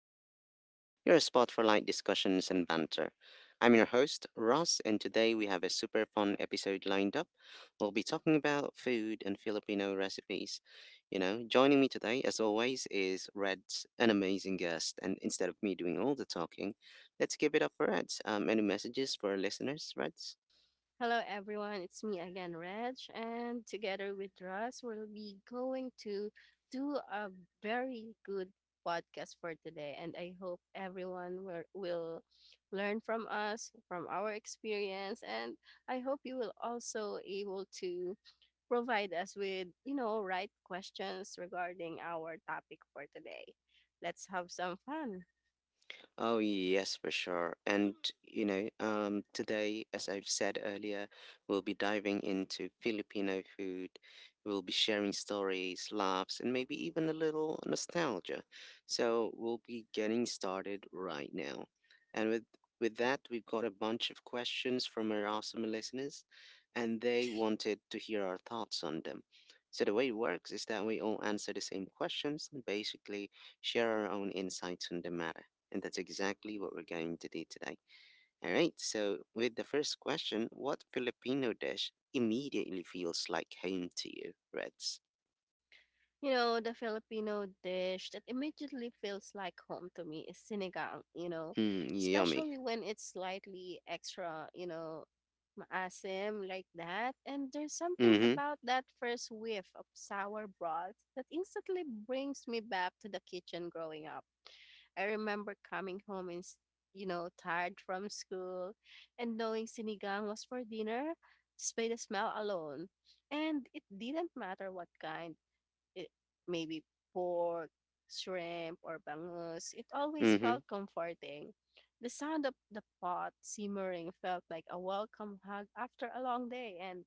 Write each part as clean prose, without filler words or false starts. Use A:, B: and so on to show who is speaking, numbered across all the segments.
A: Podcast, your spot for light discussions and banter. I'm your host, Ross, and today we have a super fun episode lined up. We'll be talking about food and Filipino recipes. You know, joining me today, as always, is Reds, an amazing guest. And instead of me doing all the talking, let's give it up for Reds. Any messages for our listeners, Reds?
B: Hello, everyone. It's me again, Reg, and together with Russ, we'll be going to do a very good podcast for today. And I hope everyone will learn from us, from our experience, and I hope you will also able to provide us with, right questions regarding our topic for today. Let's have some fun.
A: Oh, yes, for sure. Today, as I've said earlier, we'll be diving into Filipino food. We'll be sharing stories, laughs, and maybe even a little nostalgia. So we'll be getting started right now. And with that, we've got a bunch of questions from our awesome listeners, and they wanted to hear our thoughts on them. So the way it works is that we all answer the same questions and basically share our own insights on the matter. And that's exactly what we're going to do today. All right, so with the first question, what Filipino dish immediately feels like home to you, Reds?
B: You know, the Filipino dish that immediately feels like home to me is sinigang, you know,
A: Hmm, yummy.
B: especially when it's slightly extra, you know, maasim like that. And there's something
A: Mm-hmm.
B: about that first whiff of sour broth that instantly brings me back to the kitchen growing up. I remember coming home and, you know, tired from school and knowing sinigang was for dinner just by the smell alone. And it didn't matter what kind it, maybe pork, shrimp, or bangus, it always
A: Mm-hmm.
B: felt comforting. The sound of the pot simmering felt like a welcome hug after a long day, and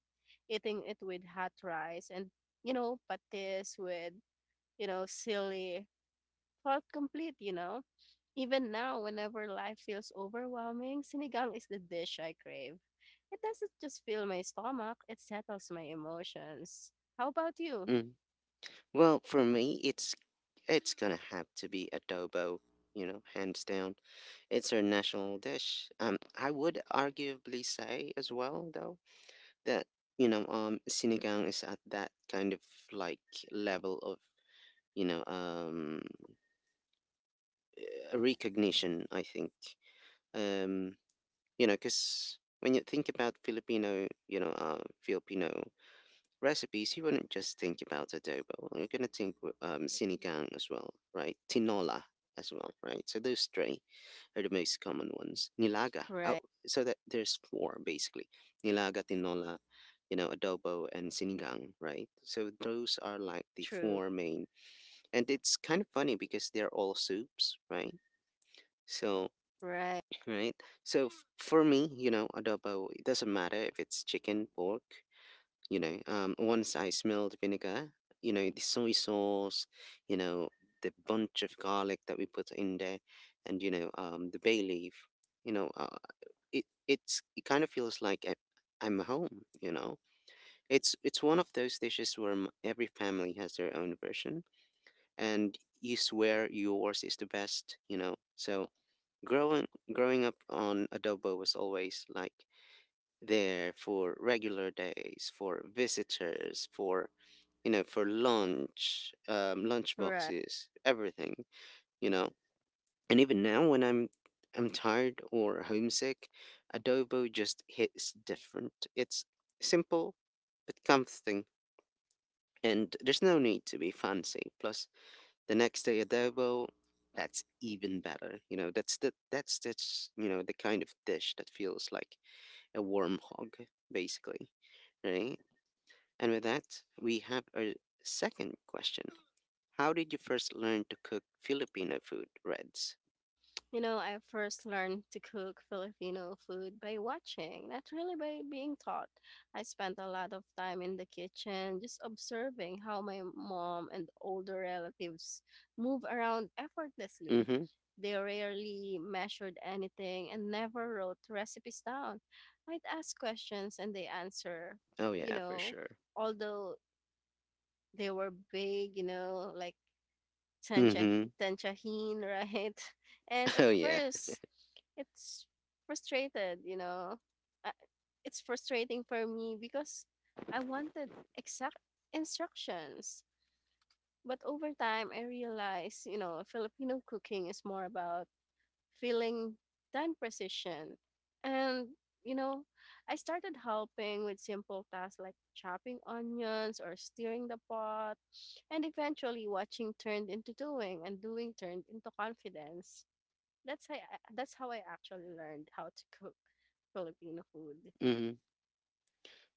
B: eating it with hot rice and, you know, patis with, you know, silly felt complete, you know. Even now, whenever life feels overwhelming, sinigang is the dish I crave. It doesn't just fill my stomach, it settles my emotions. How about you?
A: Mm. Well, for me, it's gonna have to be adobo, you know, hands down. It's our national dish. I would arguably say as well, though, that, sinigang is at that kind of like level of, you know, um, recognition, I think. Um, because when you think about Filipino, Filipino recipes, you wouldn't just think about adobo. You're gonna think sinigang as well, right? Tinola as well, right? So those three are the most common ones. Nilaga. Oh,
B: Right,
A: so that there's four basically: nilaga, tinola, you know, adobo, and sinigang, right? So those are like the
B: true.
A: four main, and it's kind of funny because they're all soups, right? So
B: Right,
A: right? So for me, you know, adobo, it doesn't matter if it's chicken, pork, once I smelled vinegar, you know, the soy sauce, you know, the bunch of garlic that we put in there and, the bay leaf, you know, uh, it kind of feels like I'm home, you know. It's one of those dishes where every family has their own version and you swear yours is the best, you know. So Growing growing up on adobo was always like there for regular days, for visitors, for you know, for lunch, lunch
B: right.
A: boxes, everything, you know. And even now, when I'm tired or homesick, adobo just hits different. It's simple but comforting, and there's no need to be fancy. Plus, the next day adobo, that's even better. You know, that's the that's you know the kind of dish that feels like a warm hug, basically, right? And with that, we have our second question. How did you first learn to cook Filipino food, Reds?
B: You know, I first learned to cook Filipino food by watching, not really by being taught. I spent a lot of time in the kitchen just observing how my mom and older relatives move around effortlessly.
A: Mm-hmm.
B: They rarely measured anything and never wrote recipes down. I'd ask questions and they answer,
A: Oh
B: you
A: yeah, for
B: know,
A: sure.
B: although they were vague, you know, like Tancha,
A: Mm-hmm.
B: tanchahin, right? And at
A: Oh yeah.
B: first, it's frustrated, you know. Uh, It's frustrating for me because I wanted exact instructions. But over time, I realized, you know, Filipino cooking is more about feeling time precision. And, you know, I started helping with simple tasks like chopping onions or stirring the pot. And eventually, watching turned into doing, and doing turned into confidence. That's how I, that's how I actually learned how to cook Filipino food.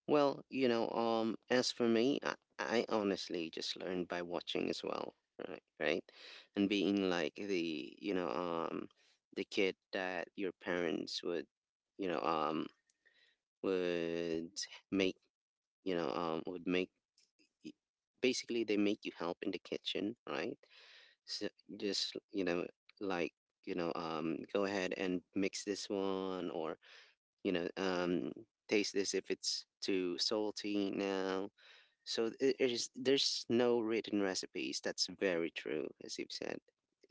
A: Well, as for me, I honestly just learned by watching as well, right? Right, and being like the, the kid that your parents would, you know, um, would make, you know, um, would make. y- Basically, they make you help in the kitchen, right? So just you know, like you know, go ahead and mix this one, or you know, um, taste this if it's too salty now so it is, there's no written recipes. That's very true, as you've said.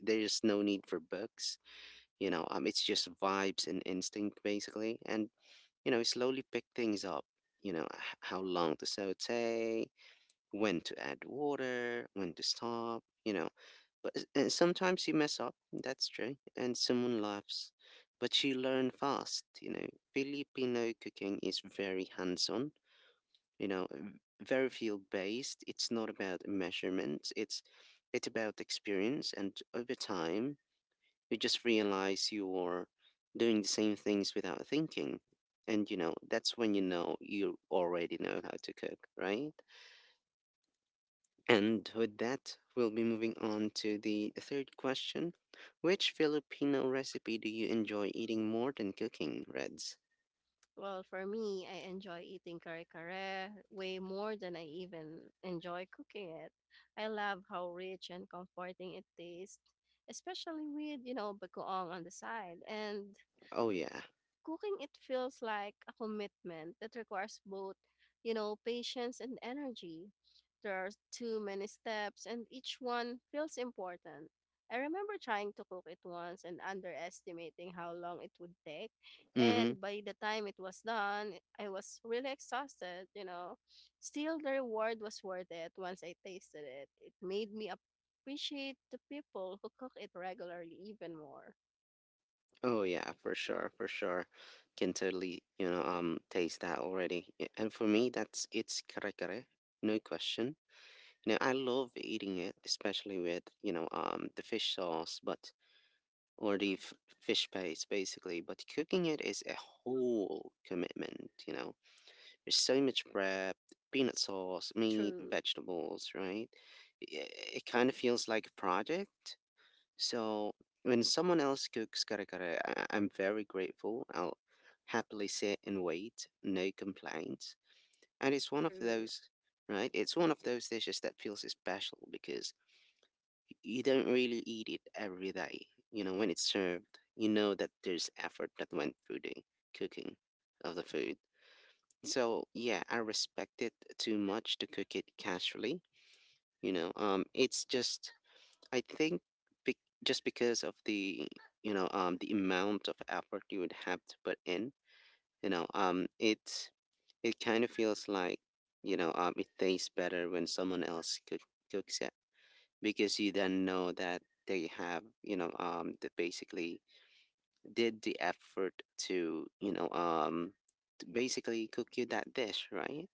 A: There's no need for books. It's just vibes and instinct basically, and you know, slowly pick things up. You know, how long to saute, when to add water, when to stop. You know, but and sometimes you mess up. That's true, and someone laughs, but you learn fast. You know, Filipino cooking is very hands-on, you know um, very field based. It's not about measurements, it's about experience, and over time you just realize you're doing the same things without thinking. And you know, that's when you know you already know how to cook, right? And with that, we'll be moving on to the third question. Which Filipino recipe do you enjoy eating more than cooking, Reds?
B: Well, for me, I enjoy eating kare kare way more than I even enjoy cooking it. I love how rich and comforting it tastes, especially with, you know, bagoong on the side. And
A: Oh yeah.
B: cooking it feels like a commitment that requires both, you know, patience and energy. There are too many steps and each one feels important. I remember trying to cook it once and underestimating how long it would take.
A: Mm-hmm.
B: And by the time it was done, I was really exhausted, you know. Still, the reward was worth it once I tasted it. It made me appreciate the people who cook it regularly even more.
A: Oh yeah, for sure, for sure. Can totally, taste that already. And for me, that's it's kare kare, no question. You know, I love eating it, especially with, the fish sauce, but or the fish paste, basically. But cooking it is a whole commitment. You know, there's so much prep, peanut sauce, meat,
B: True,
A: vegetables, right? I- It kind of feels like a project, so when someone else cooks kare kare, I'm very grateful. I'll happily sit and wait, no complaints. And it's one of
B: true.
A: those, right? It's one of those dishes that feels special because you don't really eat it every day. You know, when it's served, you know that there's effort that went through the cooking of the food. So yeah, I respect it too much to cook it casually. It's just I think be- just because of the the amount of effort you would have to put in, it's it kind of feels like it tastes better when someone else cooks it because you then know that they have that basically did the effort to to basically cook you that dish, right?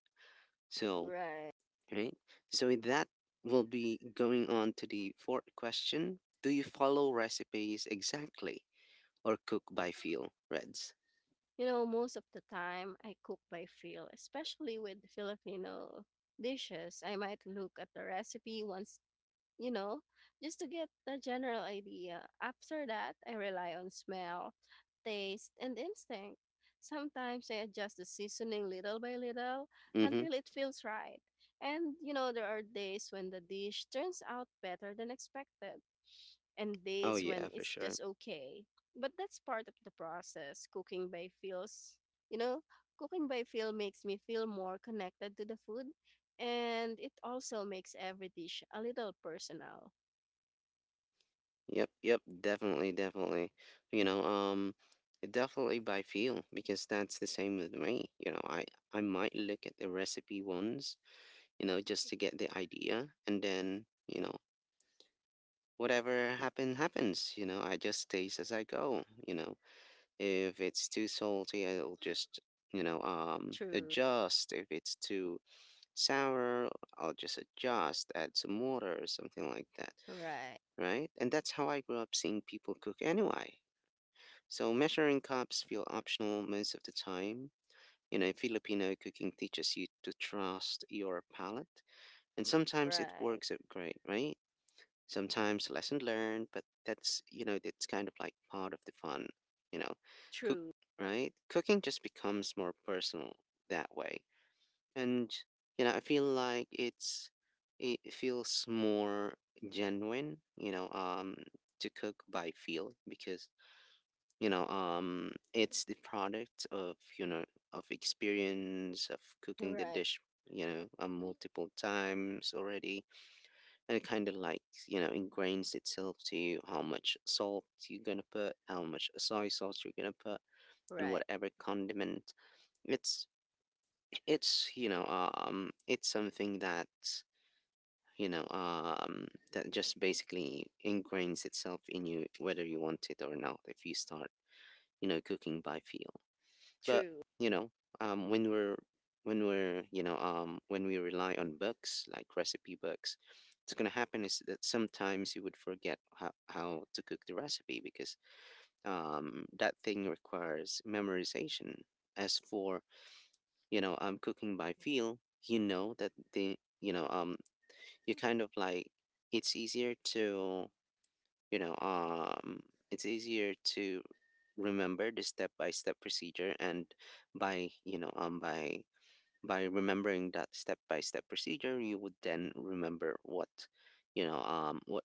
A: So
B: Right.
A: Right? So with that, we'll be going on to the fourth question. Do you follow recipes exactly or cook by feel, Reds?
B: You know, most of the time I cook by feel, especially with Filipino dishes. I might look at the recipe once, you know, just to get the general idea. After that, I rely on smell, taste, and instinct. Sometimes I adjust the seasoning little by little
A: Mm-hmm.
B: until it feels right. And, you know, there are days when the dish turns out better than expected, and
A: Oh
B: days when
A: yeah, for
B: it's
A: sure.
B: just okay. But that's part of the process. You know, cooking by feel makes me feel more connected to the food and it also makes every dish a little personal.
A: Yep, yep, definitely, definitely. You know, um, Definitely by feel because that's the same with me. I might look at the recipe once, you know, just to get the idea, and then you know, whatever happens. You know, I just taste as I go. You know, if it's too salty, I'll just
B: True.
A: adjust. If it's too sour, I'll just adjust, add some water or something like that,
B: Right.
A: right? And that's how I grew up seeing people cook anyway, so measuring cups feel optional most of the time. You know, Filipino cooking teaches you to trust your palate, and sometimes it
B: Right.
A: works out great, right? Sometimes lesson learned, but that's, you know, that's kind of like part of the fun. You know, cook
B: True.
A: right cooking just becomes more personal that way. And you know, I feel like it's it feels more genuine, to cook by feel because it's the product of you know of experience of cooking the
B: Right.
A: dish, multiple times already. It kind of like, you know, ingrains itself to you how much salt you're gonna put, how much soy sauce you're gonna put and
B: Right.
A: whatever condiment. it's it's, it's something that that just basically ingrains itself in you whether you want it or not, if you start, you know, cooking by feel. But
B: True.
A: you know, when we're when we're, when we rely on books like recipe books, what's gonna happen is that sometimes you would forget how to cook the recipe because that thing requires memorization. As for cooking by feel, you know that the you kind of like it's easier to you know um it's easier to remember the step by step procedure. And by you know um by by remembering that step by step procedure, you would then remember what you know um what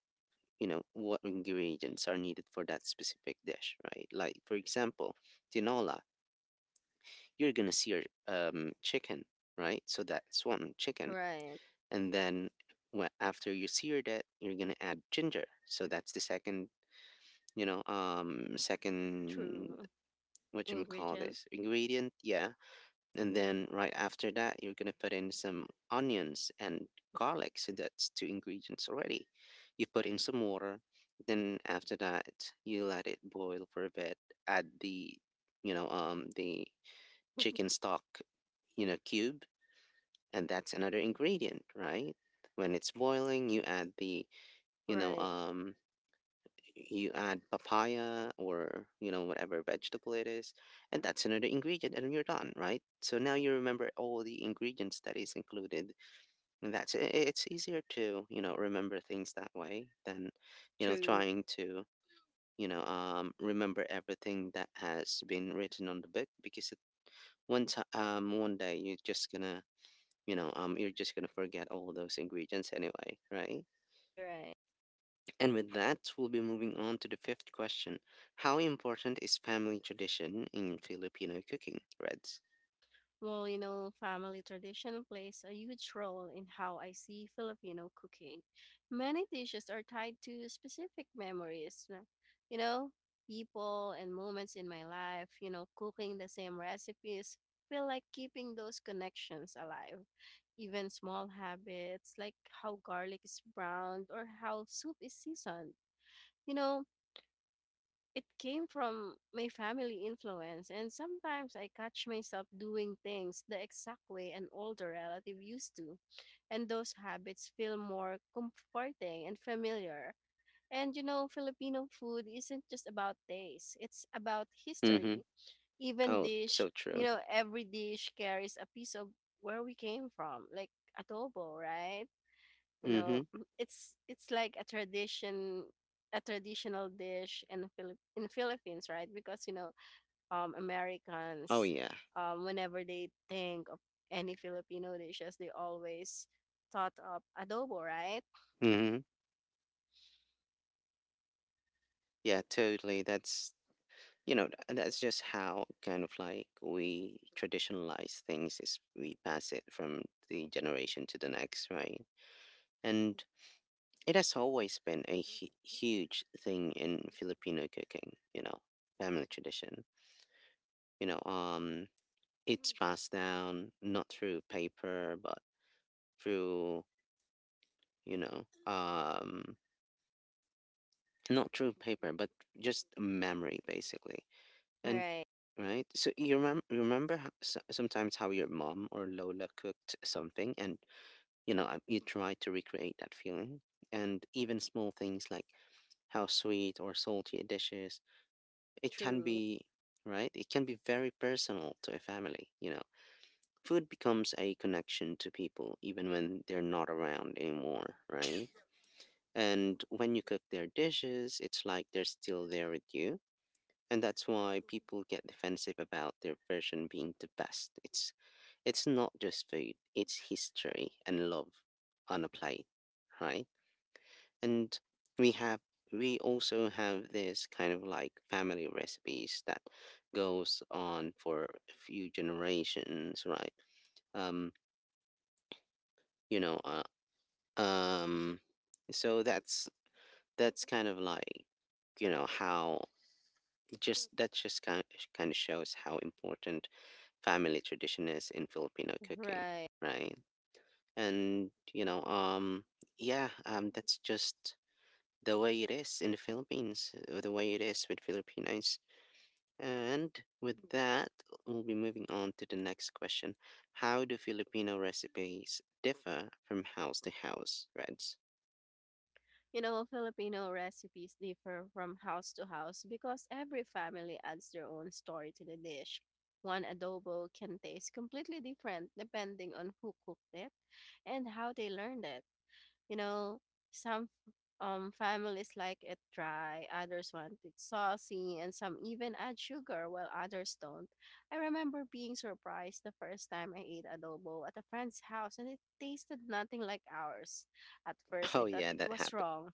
A: you know what ingredients are needed for that specific dish, right? Like for example, tinola, you're gonna sear chicken, right? So that's one chicken.
B: Right.
A: And then after you seared it, you're gonna add ginger, so that's the second, second,
B: True.
A: what you call
B: Ingredient.
A: this ingredient, yeah. And then right after that, you're gonna put in some onions and garlic. So that's two ingredients already. You put in some water. Then after that, you let it boil for a bit. Add the, the chicken stock, you know, cube, and that's another ingredient, right? When it's boiling, you add the, you know,
B: Right.
A: um, you add papaya or you know whatever vegetable it is, and that's another ingredient and you're done, right? So now you remember all the ingredients that is included, and that's it. It's easier to, you know, remember things that way than, you know,
B: True.
A: trying to remember everything that has been written on the book because it, one time one day you're just gonna you're just gonna forget all those ingredients anyway, right?
B: Right.
A: And with that, we'll be moving on to the fifth question. How important is family tradition in Filipino cooking, Reds?
B: Well, you know, family tradition plays a huge role in how I see Filipino cooking. Many dishes are tied to specific memories, you know, people and moments in my life. You know, cooking the same recipes feel like keeping those connections alive. Even small habits like how garlic is browned or how soup is seasoned. You know, it came from my family influence, and sometimes I catch myself doing things the exact way an older relative used to, and those habits feel more comforting and familiar. And you know, Filipino food isn't just about taste, it's about
A: Mm-hmm.
B: history. Even
A: Oh,
B: dish,
A: so
B: you
A: true.
B: know, every dish carries a piece of where we came from, like adobo, right? You
A: Mm-hmm.
B: know, it's like a tradition, a traditional dish in Philippines, right? Because, you know, um,
A: Oh,
B: Americans,
A: yeah.
B: um, whenever they think of any Filipino dishes, they always thought of adobo, right?
A: Mm-hmm. Yeah, totally. That's, that's just how kind of like we traditionalize things is we pass it from the generation to the next, right? And it has always been a huge thing in Filipino cooking, you know, family tradition. You know, um, it's passed down not through paper but through you know um not through paper but just memory basically. and
B: Right,
A: right so you remember sometimes how your mom or lola cooked something, and you try to recreate that feeling. And even small things like how sweet or salty a dish is, it can
B: true,
A: be right it can be very personal to a family. Food becomes a connection to people even when they're not around anymore, right? And when you cook their dishes, it's like they're still there with you. And that's why people get defensive about their version being the best. It's not just food, it's history and love on a plate, right? And we have we also have this kind of like family recipes that goes on for a few generations, right? Um, you know, um so that's kind of like, you know how just that just kind of shows how important family tradition is in Filipino cooking,
B: right.
A: right? And yeah, that's just the way it is in the Philippines, the way it is with Filipinos. And with that, we'll be moving on to the next question. How do Filipino recipes differ from house to house, Reds?
B: You know, Filipino recipes differ from house to house because every family adds their own story to the dish. One adobo can taste completely different depending on who cooked it and how they learned it. You know, some families like it dry, others want it saucy, and some even add sugar while others don't. I remember being surprised the first time I ate adobo at a friend's house and it tasted nothing like ours. At first, I
A: Oh
B: thought
A: yeah,
B: it
A: that
B: was
A: happened.
B: wrong,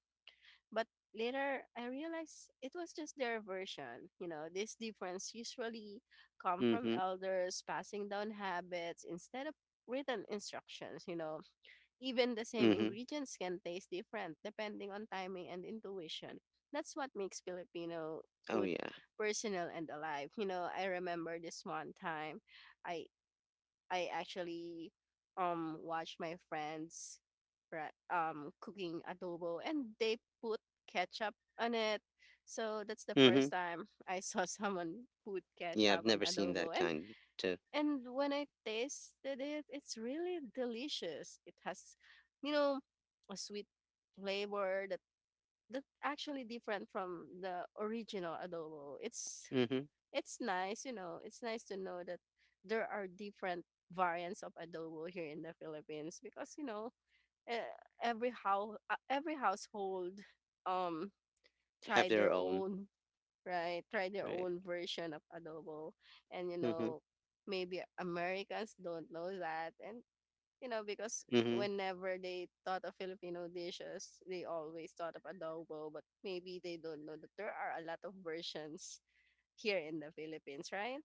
B: but later, I realized it was just their version. You know, this difference usually come from
A: Mm-hmm.
B: elders passing down habits instead of written instructions. You know, even the same
A: Mhm.
B: ingredients can taste different depending on timing and intuition. That's what makes Filipino
A: Oh
B: food
A: yeah.
B: personal and alive. You know, I remember this one time I I actually watch my friends, right, cooking adobo and they put ketchup on it. So that's the first
A: Mhm.
B: time I saw someone put
A: Yeah, I've
B: ketchup on
A: never seen that
B: adobo. and
A: kind to.
B: and when I tasted it, it's really delicious. It has, you know, a sweet flavor that that actually different from the original adobo.
A: Mhm.
B: It's nice, you know, it's nice to know that there are different variants of adobo here in the Philippines. Because, you know, eh, every household um
A: Have
B: try
A: their
B: their
A: own.
B: own, right try their
A: Right.
B: own version of adobo. And, you
A: Mhm.
B: know, maybe Americans don't know that. And, you know, because
A: Mhm.
B: whenever they thought of Filipino dishes they always thought of adobo, but maybe they don't know that there are a lot of versions here in the Philippines, right?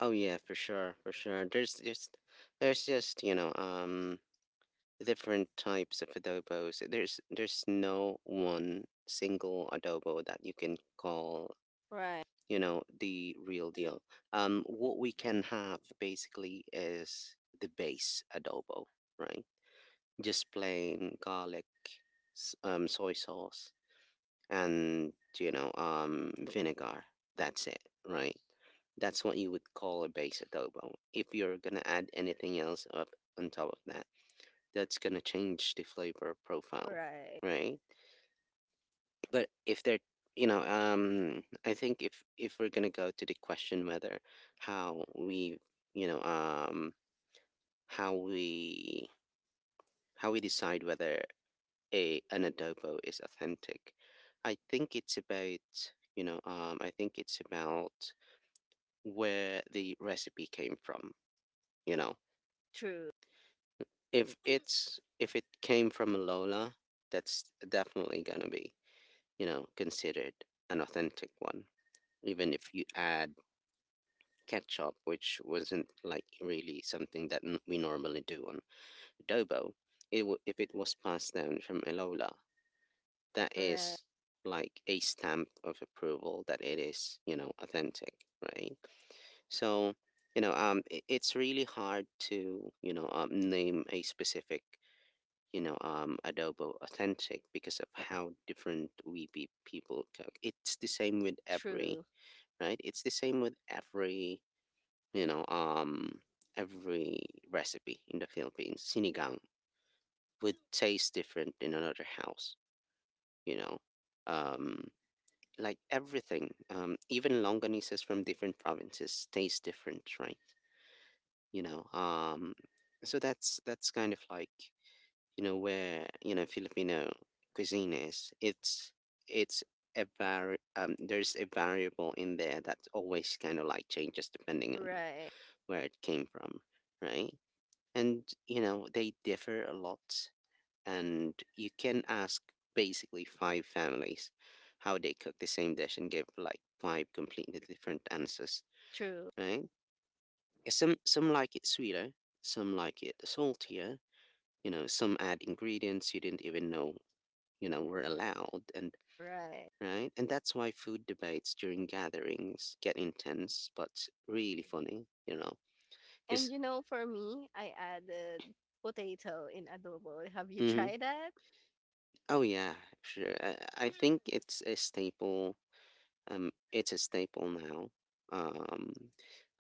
A: Oh yeah, for sure, for sure. There's just, you know, different types of adobos. There's no one single adobo that you can call,
B: Right.
A: you know, the real deal. What we can have basically is the base adobo, right? Just plain garlic, soy sauce, and vinegar. That's it, right? That's what you would call a base adobo. If you're gonna add anything else up on top of that, that's gonna change the flavor profile,
B: Right.
A: right? But if they're, I think if we're gonna go to the question whether how we you know how we how we decide whether a an adobo is authentic, I think it's about, I think it's about where the recipe came from, you know.
B: True.
A: If it came from lola, that's definitely going to be, you know, considered an authentic one. Even if you add ketchup, which wasn't like really something that we normally do on adobo, if it was passed down from lola, that
B: Right.
A: is like a stamp of approval that it is, you know, authentic, right? So, you know, it's really hard to, you know, name a specific, you know, adobo authentic because of how different we people cook. It's the same with every,
B: True.
A: right? It's the same with every, you know, every recipe in the Philippines. Sinigang would taste different in another house, you know. Um, like everything, even longanisas from different provinces taste different, right? you know um so that's kind of like, you know, Filipino cuisine is, it's a var there's a variable in there that always kind of like changes depending on
B: Right.
A: where it came from, right? And you know, they differ a lot, and you can ask basically five families how they cook the same dish and give like five completely different answers,
B: True.
A: right? Yeah, some like it sweeter, some like it saltier. You know, some add ingredients you didn't even know, you know, were allowed, and
B: Right.
A: right, and that's why food debates during gatherings get intense but really funny. You know,
B: And
A: because
B: you know, for me, I added potato in adobo. Have you
A: mm.
B: tried that?
A: Oh yeah, sure. I think it's a staple. It's a staple now. Um,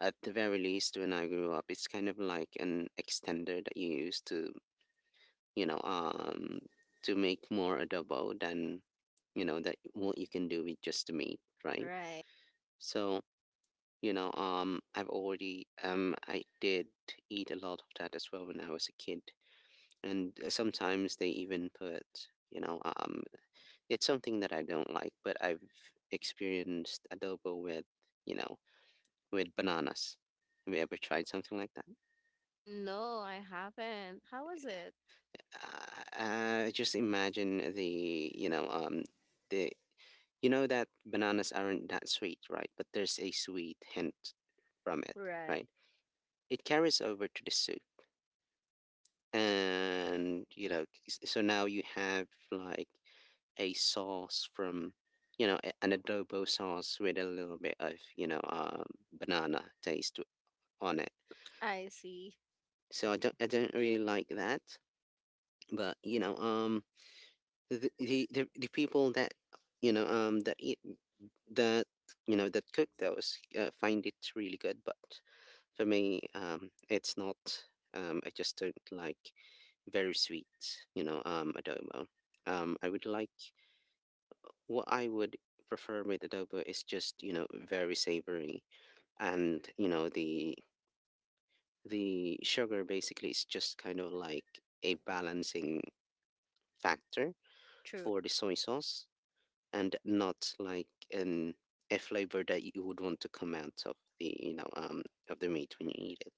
A: at the very least, when I grew up, it's kind of like an extender that you use to, you know um to make more adobo than, you know, that what you can do with just the meat, right?
B: Right.
A: So, I've already I did eat a lot of that as well when I was a kid. And sometimes they even put, you know um it's something that I don't like, but I've experienced adobo with, you know, with bananas. Have you ever tried something like that?
B: No, I haven't. How was it?
A: Just imagine the, the, you know, that bananas aren't that sweet, right? But there's a sweet hint from it,
B: Right.
A: right? It carries over to the soup. And, you know, so now you have like a sauce from, you know, an adobo sauce with a little bit of, you know, banana taste on it.
B: I see.
A: So I don't really like that. But, you know, the people that, you know, that eat that, you know, that cook those, find it really good. But for me, it's not. I just don't like very sweet, you know, adobo. I would like, what I would prefer with adobo is just, you know, very savory, and you know, the sugar basically is just kind of like a balancing factor
B: True.
A: for the soy sauce, and not like an a flavor that you would want to come out of the, you know, um, of the meat when you eat it.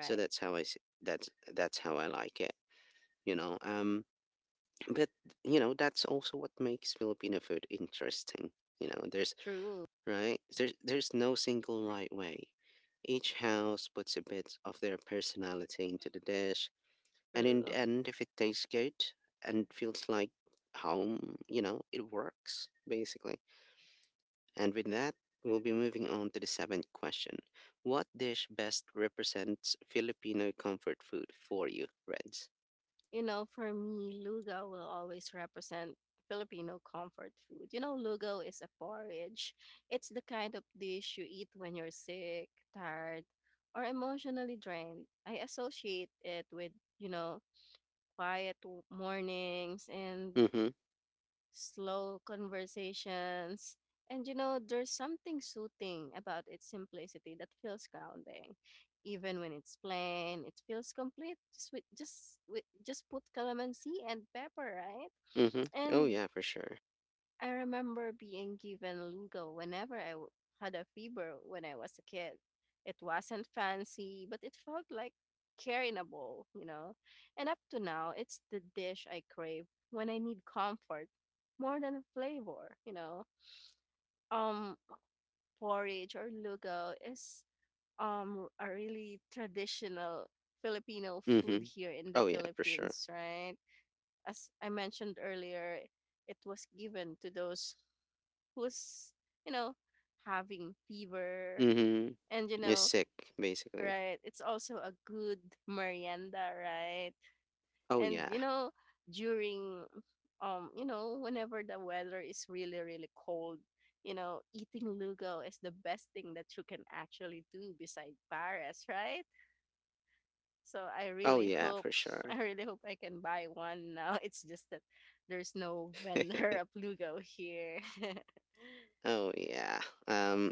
A: So that's how I like it. you know um but you know, that's also what makes Filipino food interesting. You know, there's
B: True.
A: right, there's no single right way. Each house puts a bit of their personality into the dish, and in the
B: True.
A: end, if it tastes good and feels like home, you know, it works basically. And with that, we'll be moving on to the seventh question. What dish best represents Filipino comfort food for you, Reds?
B: You know, for me, lugaw will always represent Filipino comfort food. You know, lugaw is a porridge. It's the kind of dish you eat when you're sick, tired, or emotionally drained. I associate it with, you know, mornings and
A: Mm-hmm.
B: slow conversations. And you know, there's something soothing about its simplicity that feels grounding. Even when it's plain, it feels complete. Just put calamansi and pepper, right?
A: Mm-hmm. Oh
B: And
A: yeah, for sure.
B: I remember being given Lugo whenever I had a fever when I was a kid. It wasn't fancy, but it felt like care in a bowl, you know? And up to now, it's the dish I crave when I need comfort more than flavor, you know? Um, porridge or Lugo is a really traditional Filipino food
A: Mm-hmm.
B: here in the
A: Oh yeah, for sure.
B: Philippines, right? As I mentioned earlier, it was given to those who's, you know, having fever.
A: Mm-hmm.
B: And, you
A: You're
B: know,
A: sick, basically.
B: right, it's also a good merienda, right?
A: Oh
B: And,
A: yeah.
B: you know, during, you know, whenever the weather is really, really cold, you know, eating Lugo is the best thing that you can actually do beside Paris, right? So I
A: Oh
B: really
A: yeah,
B: hope,
A: for sure.
B: I really hope I can buy one now. It's just that there's no vendor of Lugo here.
A: Oh yeah. Um,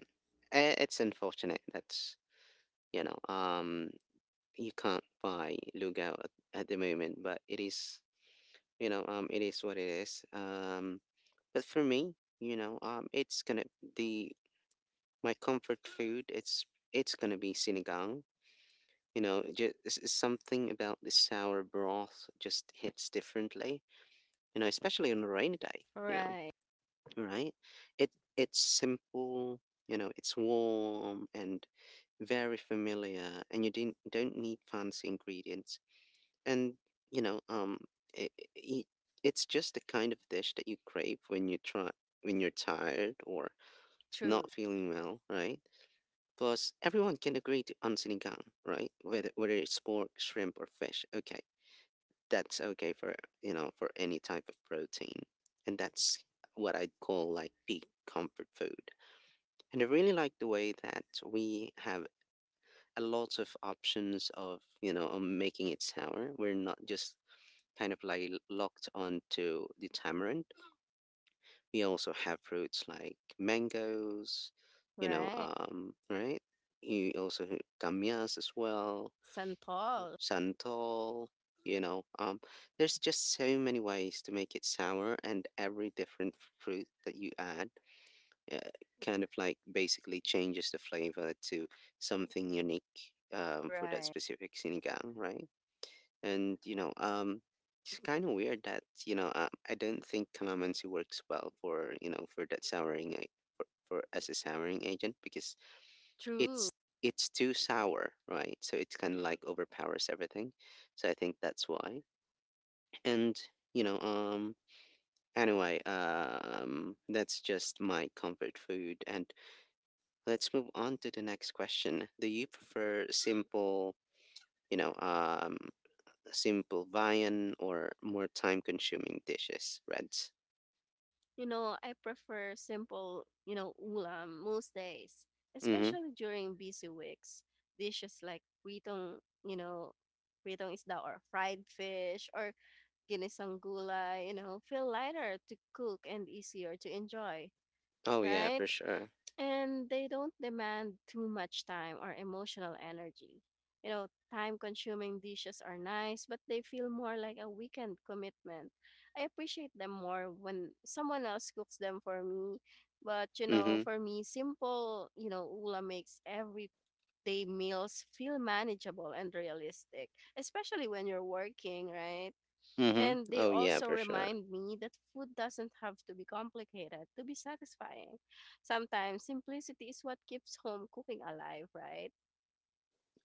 A: it's unfortunate. That's, you know. You can't buy Lugao at the moment, but it is, you know, it is what it is. But for me, you know, it's gonna the my comfort food. It's gonna be sinigang. You know, just something about the sour broth just hits differently. You know, especially on a rainy day. You know,
B: Right.
A: right? It it's simple. You know, it's warm and very familiar, and you didn't don't need fancy ingredients, and you know um I I it's just the kind of dish that you crave when you're tired or not
B: True.
A: feeling well, right? Plus everyone can agree to ansinigang, right? Whether it's pork, shrimp, or fish, okay, that's okay for, you know, for any type of protein. And that's what I'd call like peak comfort food. And I really like the way that we have a lot of options of, you know, making it sour. We're not just kind of like locked onto the tamarind. We also have fruits like mangoes, you know,
B: Right.
A: right? You also have gamias as well,
B: Saint Paul.
A: santol, you know. There's just so many ways to make it sour, and every different fruit that you add, uh, kind of like basically changes the flavor to something unique, for that
B: Right.
A: specific sinigang, right? And you know, it's kind of weird that, I don't think calamansi works well for, you know, for that souring for as a souring agent because
B: True.
A: it's it's too sour, right? So it's kind of like overpowers everything. So I think that's why. And you know, anyway, that's just my comfort food. And let's move on to the next question. Do you prefer simple, you know, simple viand or more time consuming dishes, Reds?
B: You know, I prefer simple, you know, ulam most days,
A: Mm-hmm.
B: especially during busy weeks. Dishes like pritong, you know, pritong isda or fried fish or ginisang gulay, you know, feel lighter to cook and easier to enjoy,
A: Oh yeah,
B: right?
A: for sure.
B: And they don't demand too much time or emotional energy. You know, time consuming dishes are nice, but they feel more like a weekend commitment. I appreciate them more when someone else cooks them for me. But, you know,
A: Mm-hmm.
B: for me, simple, you know, Ula makes everyday meals feel manageable and realistic, especially when you're working, right?
A: Mm-hmm.
B: And they
A: Oh yeah,
B: also
A: for sure.
B: remind me that food doesn't have to be complicated to be satisfying. Sometimes simplicity is what keeps home cooking alive, right?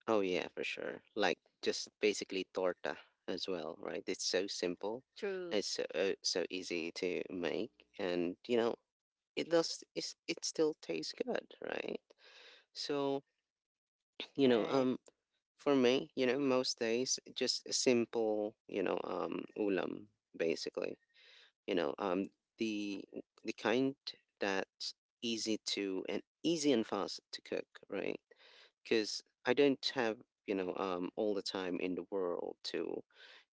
A: Oh yeah, for sure. Like just basically torta as well, right? It's so simple.
B: True.
A: It's so, so easy to make, and you know, it's, it still tastes good, right? So, you know,
B: Right.
A: um for me, you know, most days just a simple, ulam basically. you know um the the kind that's easy and fast to cook, right? Because I don't have, all the time in the world to,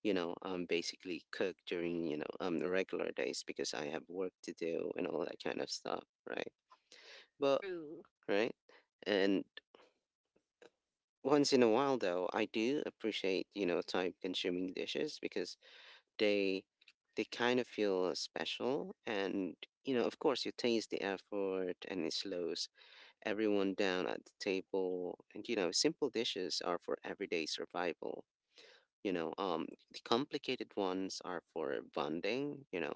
A: basically cook during, the regular days, because I have work to do and all that kind of stuff, right? but
B: True.
A: right. And once in a while though, I do appreciate, you know, time consuming dishes, because they they kind of feel special and, you know, of course you taste the effort and it slows everyone down at the table. And you know, simple dishes are for everyday survival, you know um the complicated ones are for bonding, you know,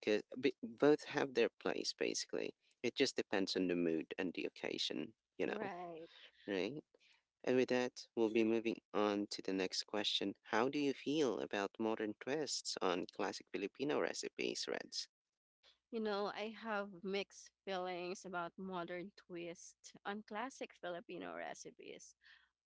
A: because both have their place basically. It just depends on the mood and the occasion, you know,
B: Right.
A: right? And with that, we'll be moving on to the next question. How do you feel about modern twists on classic Filipino recipes, Reds?
B: You know, I have mixed feelings about modern twist on classic Filipino recipes.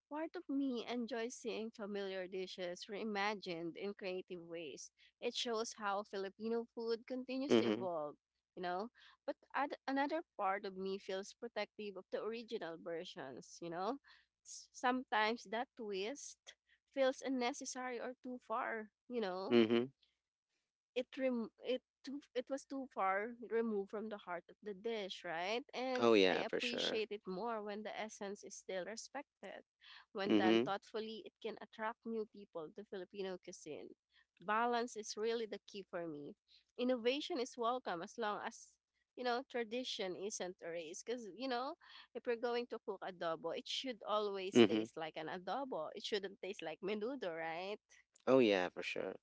B: Part of me enjoys seeing familiar dishes reimagined in creative ways. It shows how Filipino food continues to
A: Mm-hmm.
B: evolve, you know? But another part of me feels protective of the original versions, you know? Sometimes that twist feels unnecessary or too far, you know?
A: Mm-hmm.
B: It was too far removed from the heart of the dish, right? And
A: Oh
B: I
A: yeah, for sure.
B: appreciate it more when the essence is still respected. When done
A: Mm-hmm.
B: thoughtfully, it can attract new people to Filipino cuisine. Balance is really the key for me. Innovation is welcome as long as tradition isn't erased, because if we're going to cook adobo, it should always
A: Mm-hmm.
B: taste like an adobo. It shouldn't taste like menudo, right?
A: Oh yeah, for sure.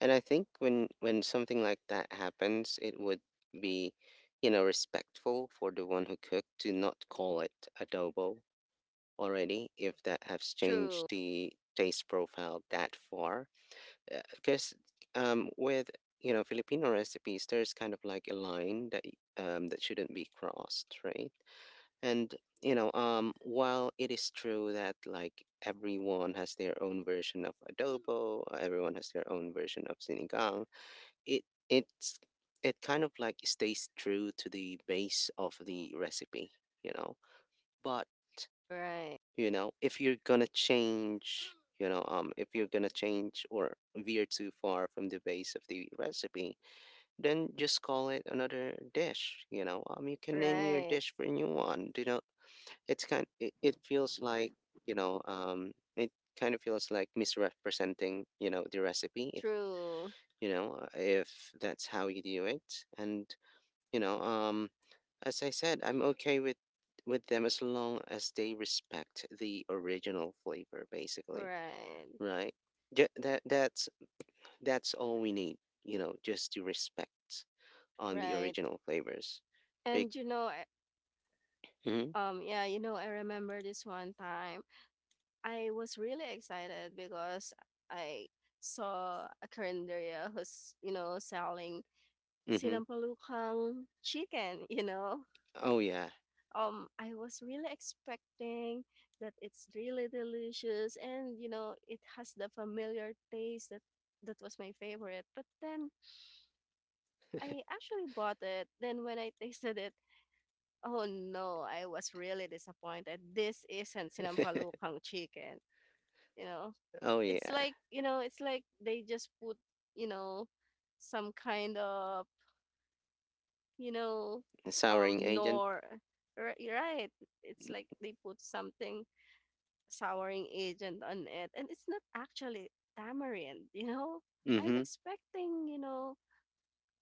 A: And I think when something like that happens, it would be, you know, respectful for the one who cooked to not call it adobo already, if that has
B: True.
A: changed the taste profile that far. Because with, you know, Filipino recipes, there's kind of like a line that that shouldn't be crossed, right? And you know, while it is true that, like, everyone has their own version of adobo, everyone has their own version of sinigang, it it's it kind of like stays true to the base of the recipe, you know. But
B: Right.
A: You know, if you're gonna change, if you're gonna change or veer too far from the base of the recipe, then just call it another dish. You can name your
B: Right.
A: dish for a new one, you know. It's kind it, it feels like, you know um it kind of feels like misrepresenting, you know, the recipe if,
B: True.
A: if that's how you do it. And you know, as I said, I'm okay with them as long as they respect the original flavor, basically,
B: Right.
A: right? That's that's all we need. You know, just to respect on the
B: Right.
A: original flavors. Big.
B: And
A: Mm-hmm.
B: yeah, I remember this one time. I was really excited because I saw a carinderia who's, selling
A: Mm-hmm.
B: sinampalukang chicken.
A: Oh yeah.
B: I was really expecting that it's really delicious and, it has the familiar taste that was my favorite. But then I actually bought it. Then when I tasted it. Oh no, I was really disappointed. This isn't sinampalukang chicken, you know.
A: Oh
B: It's
A: yeah.
B: like they just put, you know, some kind of, you know,
A: The souring agent.
B: nor Right, right. It's like they put something souring agent on it and it's not actually tamarind. I'm
A: Mm-hmm.
B: expecting,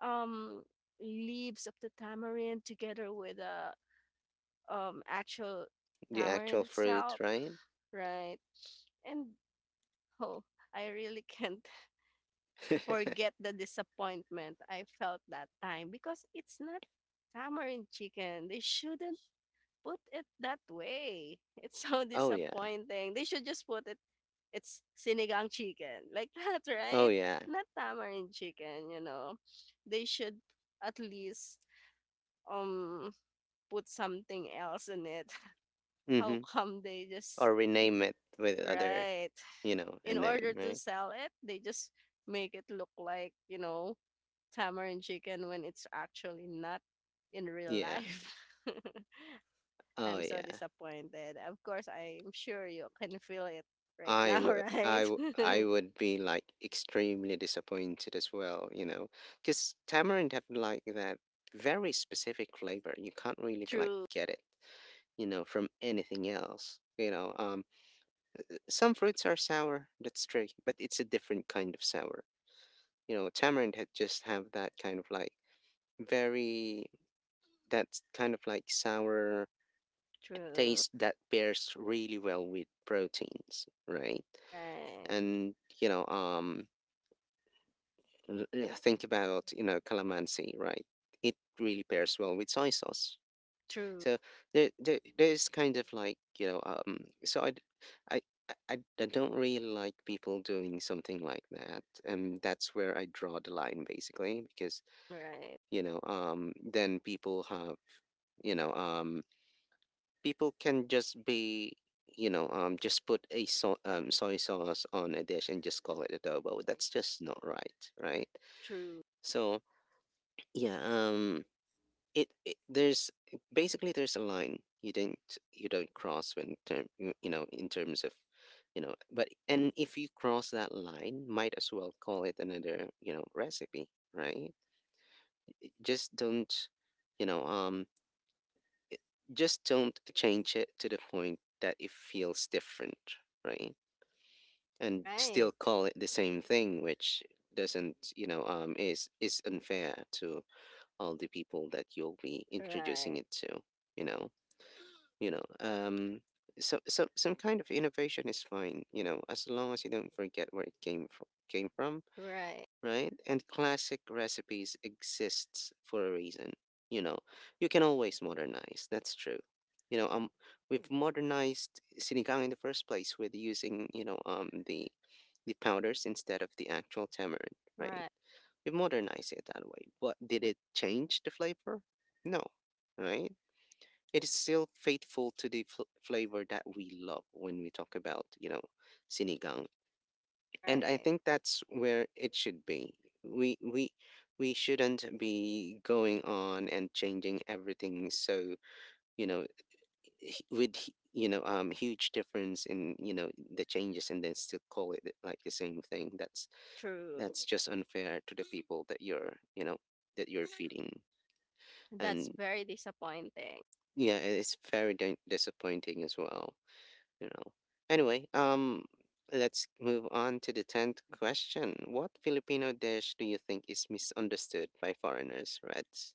B: um leaves of the tamarind together with a actual
A: The
B: tamarind
A: actual fruit,
B: itself,
A: right?
B: right? And, oh, I really can't forget the disappointment I felt that time because it's not tamarind chicken. They shouldn't put it that way. It's so
A: oh yeah.
B: disappointing. They should just put it, it's sinigang chicken, like that,
A: Oh
B: right?
A: yeah.
B: Not tamarind chicken. They should at least um put something else in it. How
A: Mm-hmm.
B: come they just,
A: Or rename it with other,
B: right?
A: you know, a
B: In order
A: name,
B: to
A: right?
B: sell it, they just make it look like, tamarind chicken when it's actually not in real
A: Yeah.
B: life.
A: Oh
B: I'm so
A: yeah.
B: disappointed. Of course, I'm sure you can feel it right
A: I
B: now,
A: would,
B: right?
A: I would be like extremely disappointed as well, you know, because tamarind have like that very specific flavor. You can't really like
B: True.
A: get it, you know, from anything else. You know, some fruits are sour. That's true, but it's a different kind of sour. You know, tamarind had just have that kind of like very that kind of like sour
B: True.
A: taste that pairs really well with proteins, right?
B: Right.
A: And you know, yeah, think about, you know, calamansi, right? It really pairs well with soy sauce.
B: True.
A: So there's kind of like, you know, so I, d- I, I don't really like people doing something like that. And that's where I draw the line basically, because,
B: Right.
A: you know, then people have, you know, people can just be, you know, just put a soy sauce on a dish and just call it adobo. That's just not right, right?
B: True.
A: So, yeah, it there's basically there's a line you don't cross when term you you know, in terms of, you know. But And if you cross that line, might as well call it another, you know, recipe, right? Just don't, you know um just don't change it to the point that it feels different, right, and still
B: Right.
A: call it the same thing, which doesn't, is unfair to all the people that you'll be introducing
B: Right.
A: it to, you know. you know um so, some kind of innovation is fine, you know, as long as you don't forget where it came from,
B: Right.
A: right. And classic recipes exists for a reason, you know. You can always modernize, that's true. you know um we've modernized sinigang in the first place with using, the powders instead of the actual tamarind, right?
B: Right.
A: We've modernized it that way, but did it change the flavor? No, right? It is still faithful to the flavor that we love when we talk about, you know, sinigang. And I
B: Right.
A: think that's where it should be. We we we shouldn't be going on and changing everything so, you know, you know, huge difference in, you know, the changes and then still call it like the same thing.
B: True.
A: That's just unfair to the people that you're, that you're feeding.
B: That's
A: And
B: very disappointing.
A: yeah, it's very disappointing as well. You know. Anyway, let's move on to the 10th question. What Filipino dish do you think is misunderstood by foreigners, Reds?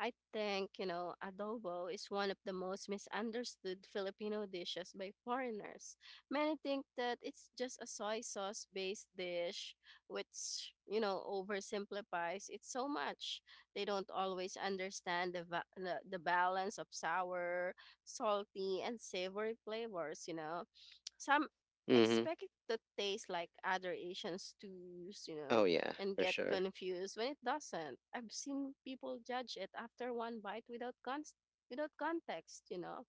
B: I think, adobo is one of the most misunderstood Filipino dishes by foreigners. Many think that it's just a soy sauce based dish, which, oversimplifies it so much. They don't always understand the balance of sour, salty, and savory flavors. Some
A: Mm-hmm.
B: expect it to taste like other Asian stews,
A: Oh yeah,
B: and
A: for
B: get
A: sure.
B: confused when it doesn't. I've seen people judge it after one bite without context.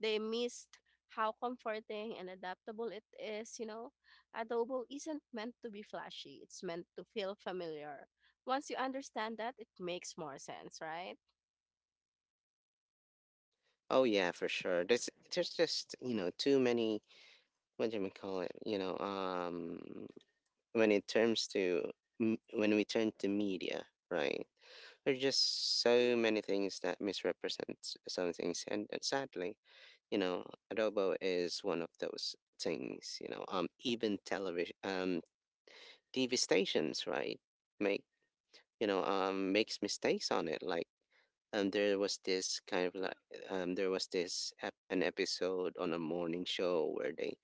B: They missed how comforting and adaptable it is. Adobo isn't meant to be flashy. It's meant to feel familiar. Once you understand that, it makes more sense, right?
A: Oh yeah, for sure. There's just, you know, too many what do we call it? You know, when it turns to when we turn to media, right? There are just so many things that misrepresent some things, and sadly, you know, adobo is one of those things. You know, even television, TV stations, right, make, you know, makes mistakes on it. Like, there was this kind of like, there was this an episode on a morning show where they,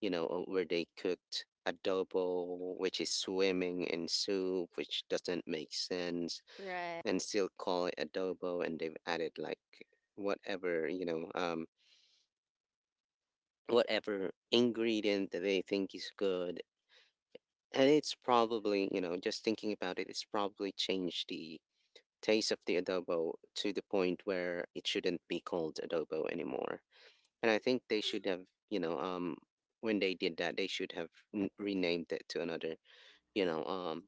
A: you know, where they cooked adobo, which is swimming in soup, which doesn't make sense,
B: Right.
A: and still call it adobo. And they've added like whatever, whatever ingredient that they think is good. And it's probably, you know, just thinking about it, it's probably changed the taste of the adobo to the point where it shouldn't be called adobo anymore. And I think they should have, you know um when they did that, they should have renamed it to another, you know um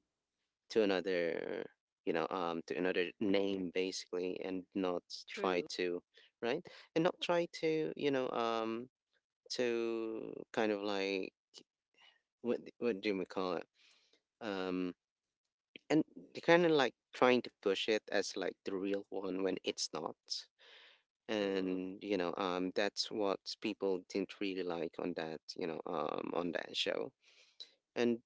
A: to another to another name basically, and not try
B: True.
A: to, right, and not try to, to kind of like, what do we call it, um and kind of like trying to push it as like the real one when it's not.
B: True.
A: And that's what people didn't really like on that, on that show. And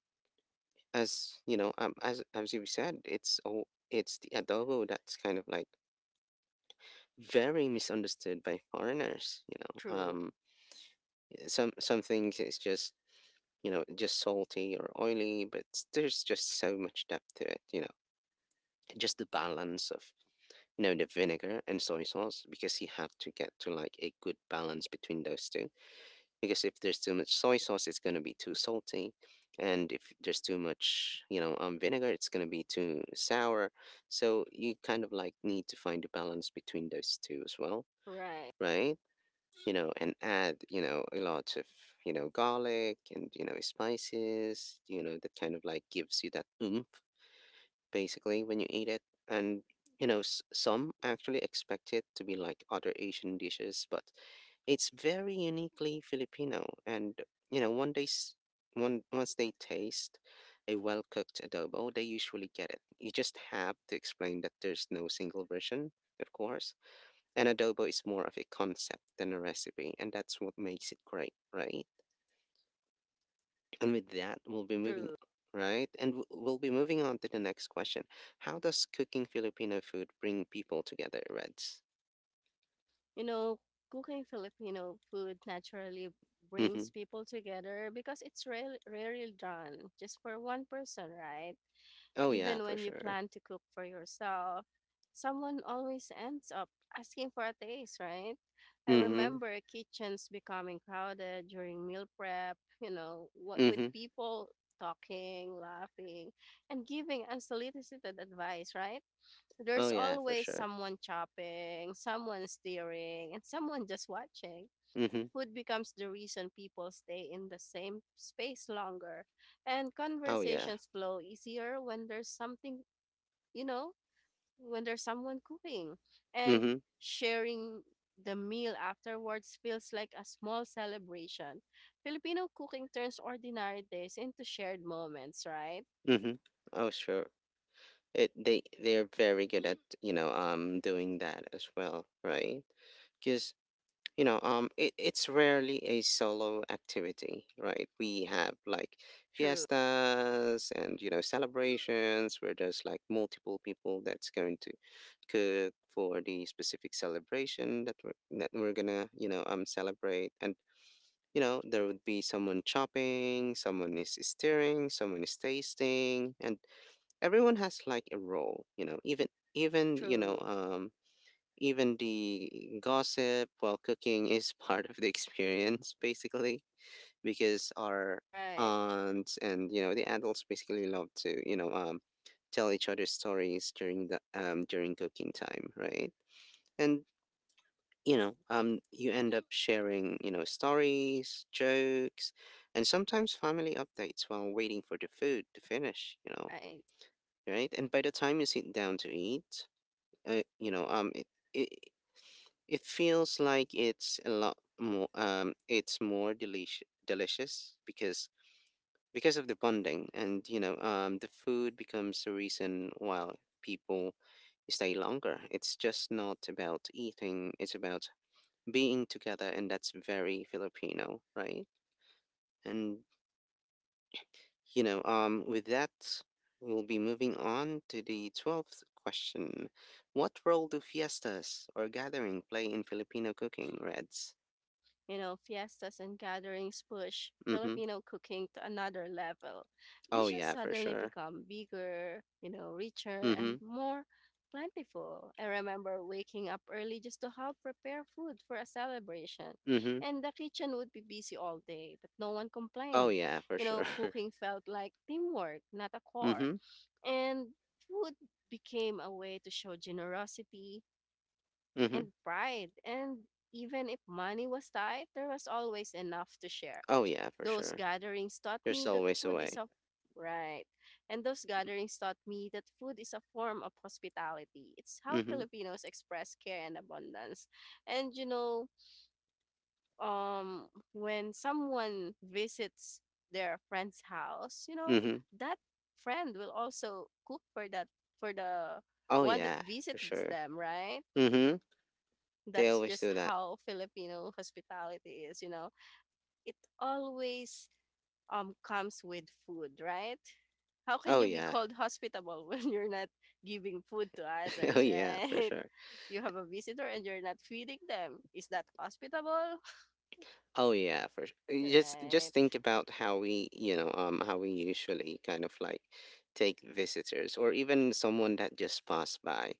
A: as you know, as you said, it's all it's the adobo that's kind of like very misunderstood by foreigners, you know.
B: True.
A: Eh, some things it's just, you know, just salty or oily, but there's just so much depth to it, you know, just the balance of, you know, the vinegar and soy sauce, because you have to get to like a good balance between those two. Because if there's too much soy sauce, it's going to be too salty, and if there's too much, you know, vinegar, it's going to be too sour. So you kind of like need to find a balance between those two as well,
B: Right.
A: right? You know, and add, you know, a lot of, you know, garlic and, you know, spices, you know, that kind of like gives you that oomph basically when you eat it. And, you know, some actually expect it to be like other Asian dishes, but it's very uniquely Filipino. And, you know, one day, s- one, once they taste a well cooked adobo, they usually get it. You just have to explain that there's no single version, of course, and adobo is more of a concept than a recipe, and that's what makes it great, right? And with that,
B: True.
A: right? And we'll be moving on to the next question. How does cooking Filipino food bring people together, Reds?
B: You know, Cooking Filipino food naturally brings
A: Mm-hmm.
B: people together because it's rarely done just for one person, right?
A: Oh, yeah,
B: Even
A: for
B: when you
A: sure.
B: plan to cook for yourself, someone always ends up asking for a taste, right? I
A: Mm-hmm.
B: remember kitchens becoming crowded during meal prep, what with
A: Mm-hmm.
B: people talking, laughing, and giving unsolicited advice, right?
A: Oh,
B: There's
A: yeah, for
B: always
A: sure.
B: someone chopping, someone steering, and someone just watching.
A: Mm-hmm.
B: Food becomes the reason people stay in the same space longer, and
A: Oh, yeah.
B: conversations flow easier when there's something, you know, when there's someone cooking. And
A: Mm-hmm.
B: sharing the meal afterwards feels like a small celebration. Filipino cooking turns ordinary days into shared moments, right?
A: Mm-hmm. Oh, sure. They they're very good at, you know, doing that as well, right? Because it's rarely a solo activity, right? We have like
B: True.
A: fiestas and, you know, celebrations where there's like multiple people that's going to cook for the specific celebration that we're gonna, celebrate. And, you know, there would be someone chopping, someone is stirring, someone is tasting, and everyone has like a role, you know. Even
B: True.
A: even the gossip while cooking is part of the experience, basically, because our
B: Right.
A: aunts and, you know, the adults basically love to, tell each other stories during the, during cooking time, right? And you end up sharing, you know, stories, jokes, and sometimes family updates while waiting for the food to finish. You know,
B: Right.
A: right? And by the time you sit down to eat, uh, you know um, it, it feels like it's a lot more it's more delish delicious because of the bonding, and you know, the food becomes the reason why people stay longer. It's just not about eating, it's about being together, and that's very Filipino, right? And you know, with that, we'll be moving on to the 12th question. What role do fiestas or gathering play in Filipino cooking, Reds?
B: Fiestas and gatherings push
A: Mm-hmm.
B: Filipino cooking to another level.
A: Oh
B: Dishes
A: yeah, for
B: suddenly
A: sure.
B: become bigger, richer and
A: Mhm.
B: more plentiful. I remember waking up early just to help prepare food for a celebration,
A: Mhm.
B: and the kitchen would be busy all day, but no one
A: Oh
B: complained.
A: yeah, for sure.
B: Cooking felt like teamwork, not a chore.
A: mhm.
B: And food became a way to show generosity
A: Mhm.
B: and pride. And even if money was tight, there was always enough to share.
A: Oh yeah, for
B: Those
A: sure.
B: gatherings taught
A: You're
B: me
A: still
B: that
A: ways
B: food is
A: away.
B: a Right. And those gatherings taught me that food is a form of hospitality. It's how
A: Mhm.
B: Filipinos express care and abundance. And when someone visits their friend's house,
A: Mhm.
B: that friend will also cook for the
A: Oh
B: one that
A: yeah, for
B: visits
A: sure.
B: them, right?
A: Mhm. They
B: That's
A: always
B: just
A: do that.
B: how Filipino hospitality is. It always comes with food, right? How can
A: Oh
B: you be
A: yeah.
B: called hospitable when you're not giving food to
A: oh
B: others,
A: yeah, for
B: right?
A: sure.
B: You have a visitor and you're not feeding them. Is that hospitable?
A: Oh yeah, for s- just
B: Right.
A: think about how we, how we usually kind of like take visitors or even someone that just passed by.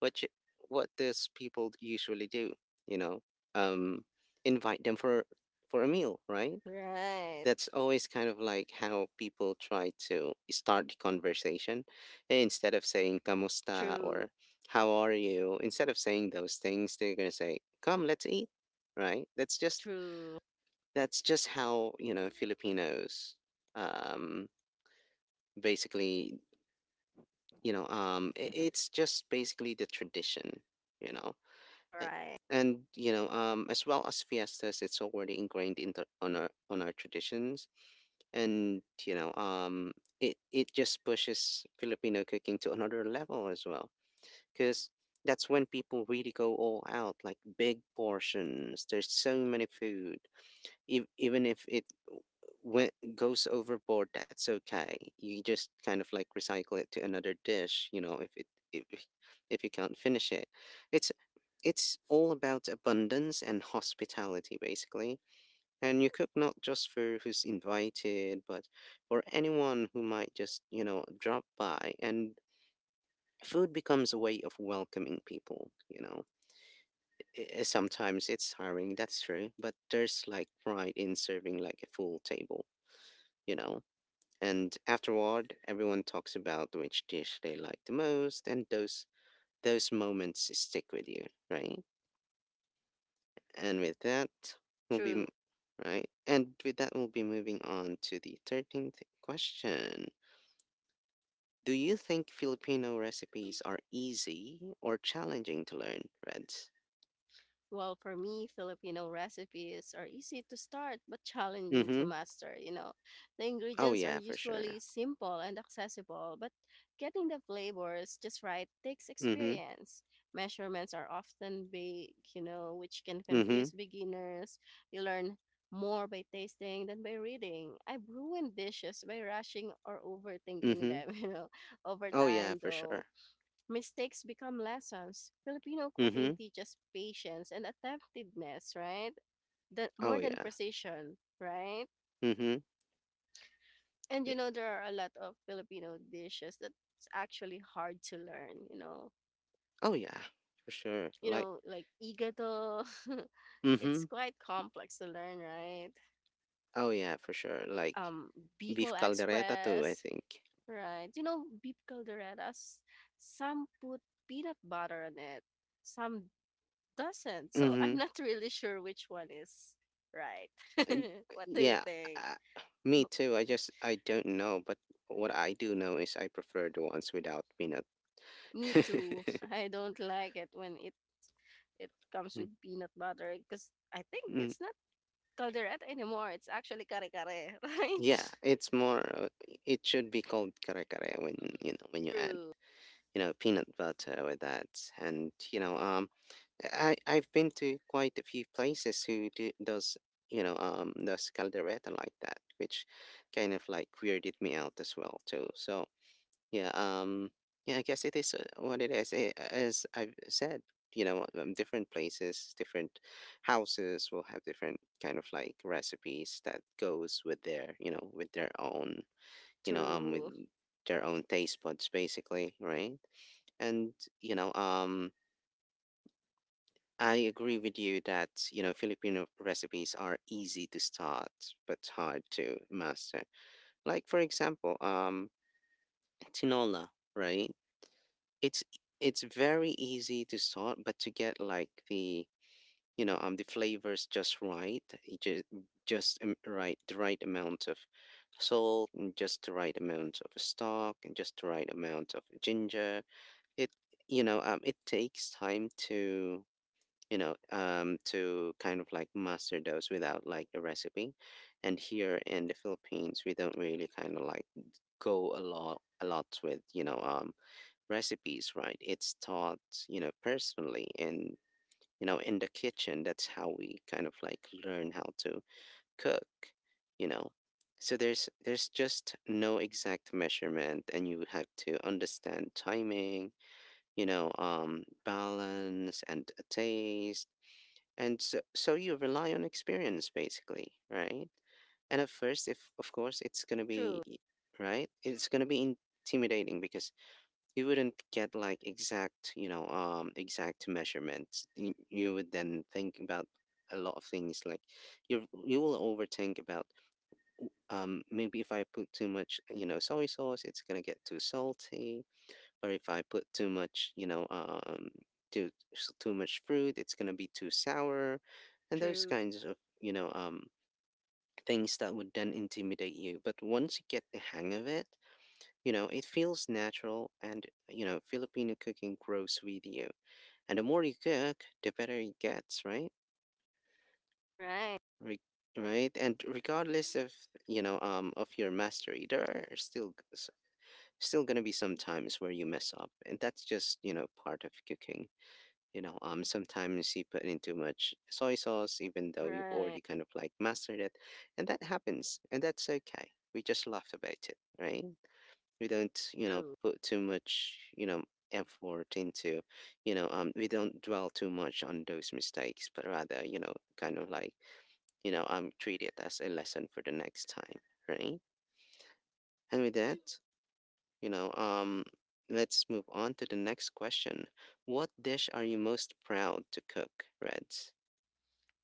A: What you, what does people usually do? You know, um, invite them for a meal, right?
B: Right.
A: That's always kind of like how people try to start the conversation eh, instead of saying "kamusta"
B: True.
A: or "how are you." Instead of saying those things, they're gonna say "come, let's eat," right?
B: True.
A: That's just how, Filipinos, um, basically, I it's just basically the tradition, you know. A-
B: Right.
A: And, as well as fiestas, it's already ingrained into on our traditions. And, it just pushes Filipino cooking to another level as well. Because that's when people really go all out, like big portions. There's so many food even if it goes overboard, that's okay. You just kind of like recycle it to another dish, you know, if it if if you can't finish it. It's it's all about abundance and hospitality basically. And you cook not just for who's invited, but for anyone who might just, you know, drop by and food becomes a way of welcoming people, you know. Sometimes it's tiring, that's true, but there's like pride in serving like a full table you know. And afterward, everyone talks about which dish they like the most, and those moments stick with you, right? And with that, we'll be
B: True.
A: m- right. And with that, we'll be moving on to the 13th question. Do you think Filipino recipes are easy or challenging to learn, Reds?
B: Well, for me, Filipino recipes are easy to start but challenging to
A: Mm-hmm.
B: master. The
A: Oh
B: ingredients are
A: yeah, for sure.
B: usually simple and accessible, but getting the flavors just right takes
A: Mm-hmm.
B: experience. Measurements are often big, which can
A: Mm-hmm.
B: confuse beginners. You learn more by tasting than by reading. I've ruined dishes by rushing or overthinking
A: Mm-hmm.
B: them. Over
A: Oh yeah,
B: time,
A: for
B: though,
A: sure.
B: mistakes become lessons. Filipino cooking
A: Mm-hmm.
B: teaches patience and attentiveness, right? That
A: Oh
B: more than
A: yeah.
B: precision, right?
A: Mm-hmm.
B: And there are a lot of Filipino dishes that's actually hard to learn.
A: Oh yeah, for sure.
B: You
A: Like,
B: know, like igado. It's
A: mm-hmm.
B: quite complex to learn, right?
A: Oh yeah, for sure. Like
B: Um Bicol
A: beef caldereta too, I
B: Express,
A: think.
B: right? Beef calderetas, some put peanut butter on it, some doesn't. So
A: Mm-hmm.
B: I'm not really sure which one is right.
A: Um,
B: What do you
A: Yeah,
B: think?
A: uh,
B: B-
A: me too. I don't know, but what I do know is I prefer the ones without peanut.
B: Me too. I don't like it when it comes
A: Mm,
B: with peanut butter because I think
A: mm,
B: it's not caldereta anymore. It's actually kare kare, right?
A: yeah, it's more. It should be called kare kare when you know when you add
B: True,
A: you know peanut butter with that, and you know I've been to quite a few places who do does you know does caldereta like that, which kind of like weirded me out as well too. So yeah, yeah, I guess it is what it is. Eh, as I've said, you know, different places, different houses will have different kind of like recipes that goes with their you know with their own you know with
B: true,
A: their own taste buds basically, right? And you know. I agree with you that, you know, Filipino recipes are easy to start but hard to master. Like for example, tinola, right? It's it's very easy to start but to get like the, you know, the flavors just right, just just the right amount of salt and just the right amount of stock and just the right amount of ginger. It you know, it takes time to you know, to kind of like master those without like a recipe. And here in the Philippines, we don't really kind of like go a lot with you know, recipes, right? It's taught, you know, personally and you know, in the kitchen. That's how we kind of like learn how to cook, you know. So there's just no exact measurement, and you have to understand timing, you know, balance and a taste and so you rely on experience basically right and at first if of course it's gonna be
B: true,
A: e, right it's gonna be intimidating because you wouldn't get like exact you know exact measurements you would then think about a lot of things like you will overthink about maybe if I put too much you know soy sauce it's gonna get too salty or if I put too much, you know, too much fruit, it's gonna be too sour, and those
B: true.
A: kinds of you know things that would then intimidate you. But once you get the hang of it, you know, it feels natural, and you know, Filipino cooking grows with you, and the more you cook, the better it gets, right?
B: Right,
A: Re- right and regardless of you know of your mastery there are still still going to be some times where you mess up and that's just you know part of cooking You know, sometimes you put in too much soy sauce, even though you've
B: right.
A: already kind of like mastered it, and that happens, and that's okay. We just laugh about it, right? We don't, you know,
B: True.
A: put too much, you know, effort into, you know, we don't dwell too much on those mistakes, but rather, you know, kind of like, you know, treat it as a lesson for the next time, right? And with that, you know, let's move on to the next question. What dish are you most proud to cook, Reds?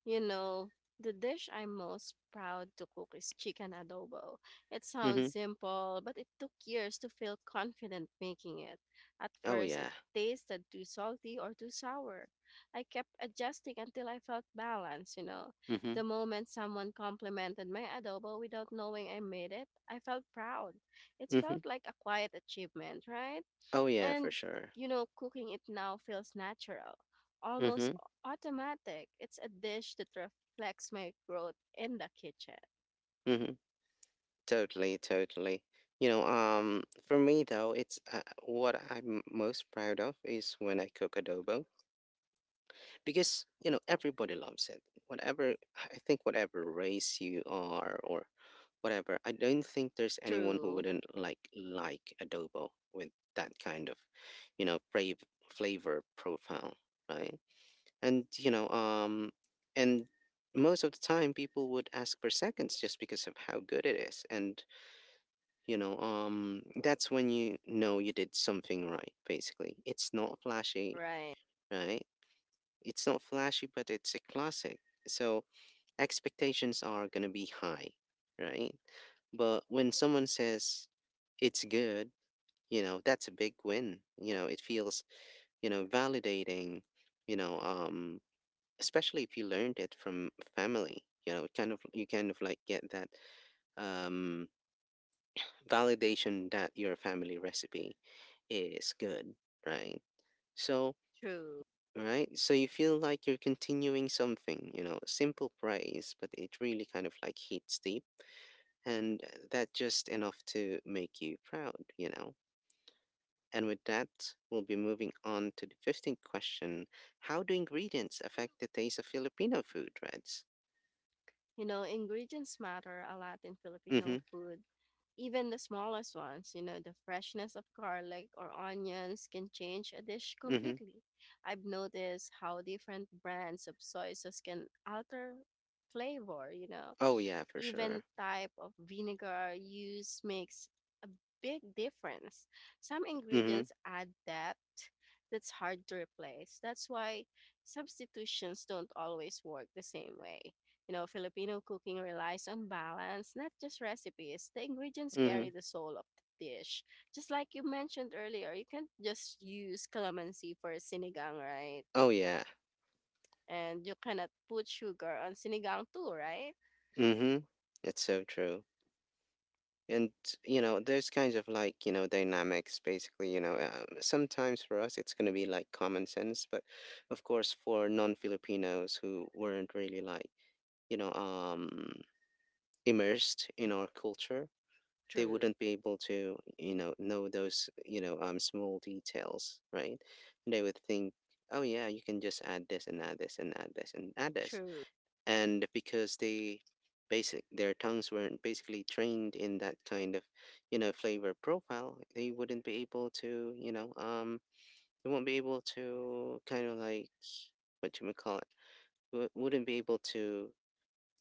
B: You know, the dish I'm most proud to cook is chicken adobo. It sounds
A: Mhm.
B: simple, but it took years to feel confident making it. At
A: Oh
B: first,
A: yeah.
B: it tasted too salty or too sour. I kept adjusting until I felt balanced.
A: Mhm.
B: The moment someone complimented my adobo without knowing I made it, I felt proud. It
A: Mhm.
B: felt like a quiet achievement, right?
A: Oh yeah, for
B: And,
A: sure.
B: cooking it now feels natural, almost
A: Mhm.
B: automatic. It's a dish that reflects my growth in the kitchen.
A: Mhm. Totally, totally. You know, for me though, it's what I'm most proud of is when I cook adobo because you know everybody loves it. Whatever I think, whatever race you are or whatever, I don't think there's anyone who
B: True.
A: wouldn't like adobo with that kind of, you know, brave flavor profile, right? and you know and most of the time people would ask for seconds just because of how good it is and you know that's when you know you did something right basically it's not flashy
B: Right.
A: right it's not flashy but it's a classic so expectations are going to be high right but when someone says it's good you know that's a big win you know it feels you know validating you know especially if you learned it from family you know it kind of you kind of like get that um validation that your family recipe is good right so
B: True.
A: right so you feel like you're continuing something you know simple praise but it really kind of like hits deep and that just enough to make you proud you know and with that we'll be moving on to the 15th question how do ingredients affect the taste of filipino food reds
B: Ingredients matter a lot in Filipino
A: mm-hmm
B: food. Even the smallest ones, the freshness of garlic or onions can change a dish
A: mm-hmm
B: completely. I've noticed how different brands of soy sauce can alter flavor.
A: Oh yeah, for
B: Even
A: sure.
B: type of vinegar used makes a big difference. Some
A: Mhm.
B: ingredients add depth that's hard to replace. That's why substitutions don't always work the same way. Filipino cooking relies on balance, not just recipes. The ingredients
A: Mhm.
B: carry the soul of the dish. Just like you mentioned earlier, you can't just use calamansi for sinigang, right?
A: Oh yeah.
B: And you cannot put sugar on sinigang too, right?
A: Mhm. It's so true. And you know, there's kinds of like you know dynamics. Basically, you know, sometimes for us it's gonna be like common sense, but of course for non-Filipinos who weren't really like you know immersed in our culture, they
B: True,
A: wouldn't be able to you know those you know small details, right? And they would think, oh yeah, you can just add this and add this and add this and add this
B: true,
A: and because they basic their tongues weren't basically trained in that kind of you know flavor profile they wouldn't be able to you know they won't be able to kind of like what you would call it wouldn't be able to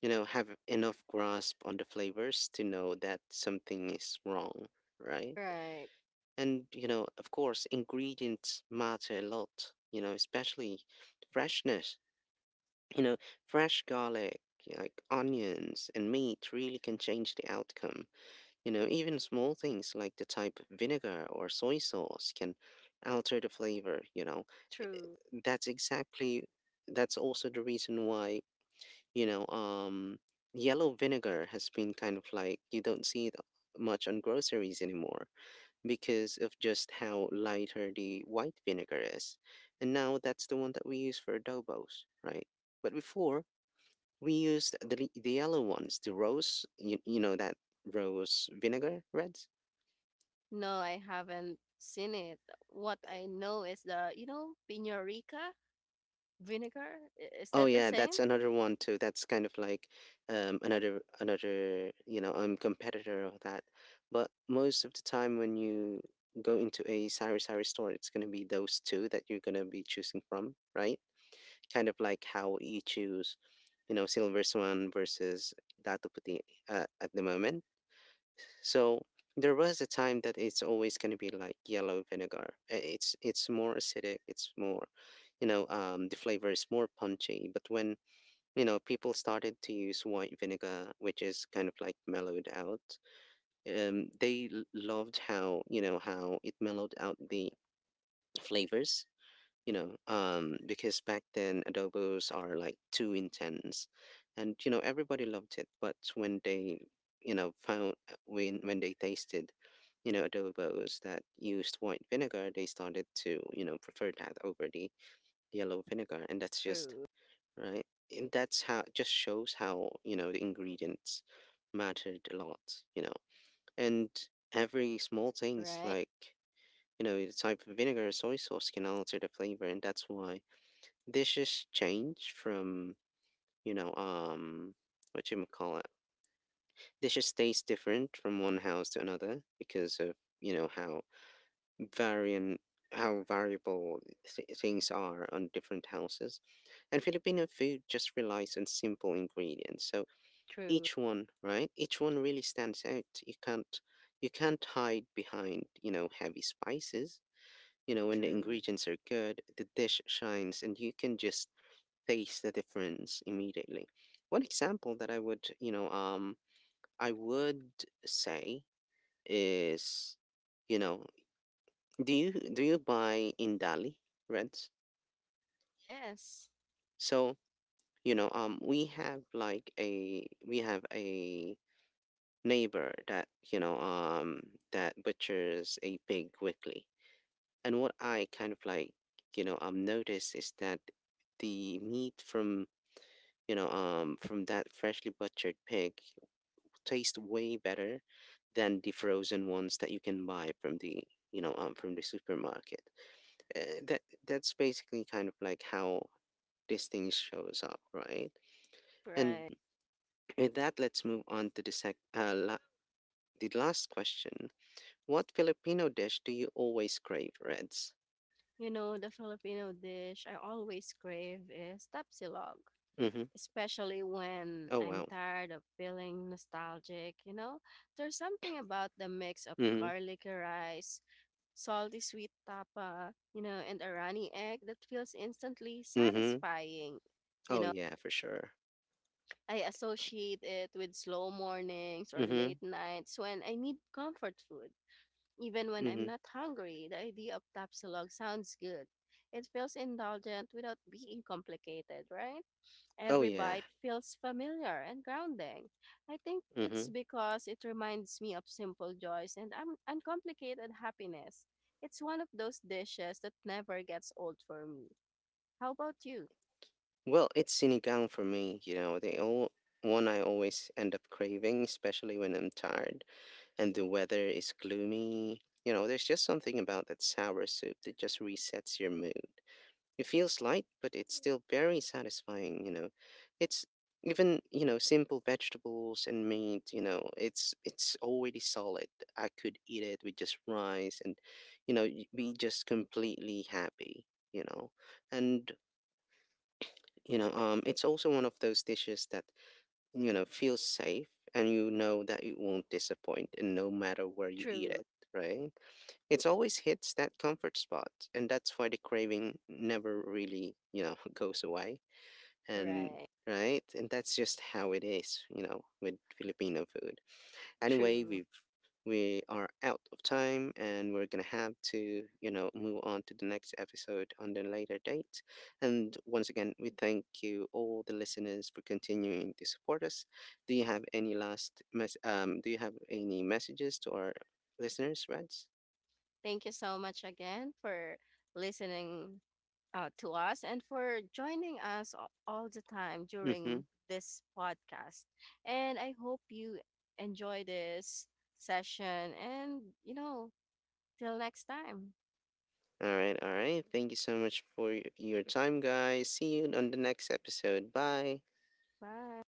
A: you know have enough grasp on the flavors to know that something is wrong right
B: right,
A: and you know of course ingredients matter a lot you know especially freshness You know, fresh garlic, yeah, like onions and meat really can change the outcome. You know, even small things like the type of vinegar or soy sauce can alter the flavor, you know.
B: true.
A: That's exactly that's also the reason why, you know, yellow vinegar has been kind of like you don't see it much on groceries anymore because of just how lighter the white vinegar is. And now that's the one that we use for adobos, right? But before we used the, the yellow ones, the rose, you know, that rose vinegar reds.
B: No, I haven't seen it. What I know is the Pino Rica vinegar. Is
A: Oh
B: that the
A: yeah,
B: same?
A: that's another one too. That's kind of like another you know competitor of that. But most of the time when you go into a sari sari store, it's gonna be those two that you're gonna be choosing from, right? Kind of like how you choose you know silver swan versus Datu Puti at the moment. So there was a time that it's always going to be like yellow vinegar. It's more acidic. It's more, you know, the flavor is more punchy. But when you know people started to use white vinegar, which is kind of like mellowed out, they loved how you know how it mellowed out the flavors you know, because back then adobos are like too intense, and you know everybody loved it. But when they, you know, found when they tasted, you know, adobos that used white vinegar, they started to you know prefer that over the yellow vinegar, and that's just
B: True,
A: right. And that's how just shows how you know the ingredients mattered a lot, you know, and every small things
B: right?
A: like you know the type of vinegar or soy sauce can alter the flavor, and that's why Dishes change from, you know, what you call it. Dishes taste different from one house to another because of, you know, how variant how variable things are on different houses. And Filipino food just relies on simple ingredients. So
B: True,
A: each one, right? Each one really stands out. You can't hide behind, you know, heavy spices. You know, when the
B: true.
A: ingredients are good, the dish shines and you can just taste the difference immediately. One example that I would, you know, I would say is, you know, do you buy Indali reds?
B: Yes,
A: So you know, we have like a we have a neighbor that you know that butchers a pig weekly, and what I kind of like, you know, notice is that the meat from you know from that freshly butchered pig taste way better than the frozen ones that you can buy from the you know from the supermarket. That's basically kind of like how this thing shows up, right? And
B: right.
A: with that, let's move on to the the last question. What Filipino dish do you always crave, Reds?
B: The Filipino dish I always crave is tapsilog,
A: Mm-hmm.
B: especially when
A: Oh
B: I'm
A: wow.
B: tired of feeling nostalgic, you know? There's something about the mix of
A: Mm-hmm.
B: garlicky rice, salty sweet tapa, and a runny egg that feels instantly
A: Mm-hmm.
B: satisfying. You
A: Oh
B: know,
A: yeah, for sure.
B: I associate it with slow mornings or
A: Mm-hmm.
B: late nights when I need comfort food. Even when I'm
A: Mm-hmm.
B: not hungry, the idea of Tapsilog sounds good. It feels indulgent without being complicated, right?
A: Oh
B: Every
A: yeah.
B: bite feels familiar and grounding. I think it's
A: Mm-hmm.
B: because it reminds me of simple joys and uncomplicated happiness. It's one of those dishes that never gets old for me. How about you?
A: Well, it's sinigang for me, you know, the all, one I always end up craving, especially when I'm tired and the weather is gloomy. You know, there's just something about that sour soup that just resets your mood. It feels light, but it's still very satisfying, you know. It's even, you know, simple vegetables and meat, you know, it's already solid. I could eat it with just rice and, you know, be just completely happy, you know. And you know, it's also one of those dishes that, you know, feels safe and you know that it won't disappoint and no matter where you eat
B: True.
A: it, right? It's always hits that comfort spot and that's why the craving never really, you know, goes away. And
B: Right.
A: right? And that's just how it is, you know, with Filipino food. Anyway,
B: True.
A: we are out of time and we're going to have to, you know, move on to the next episode on the later date. And once again, we thank you, all the listeners, for continuing to support us. Do you have any last mess? Do you have any messages to our listeners, Reds?
B: Thank you so much again for listening to us and for joining us all the time
A: Mm-hmm.
B: during this podcast. And I hope you enjoy this session. And, till next time.
A: All right, all right. Thank you so much for your time, guys. See you on the next episode. Bye.
B: Bye.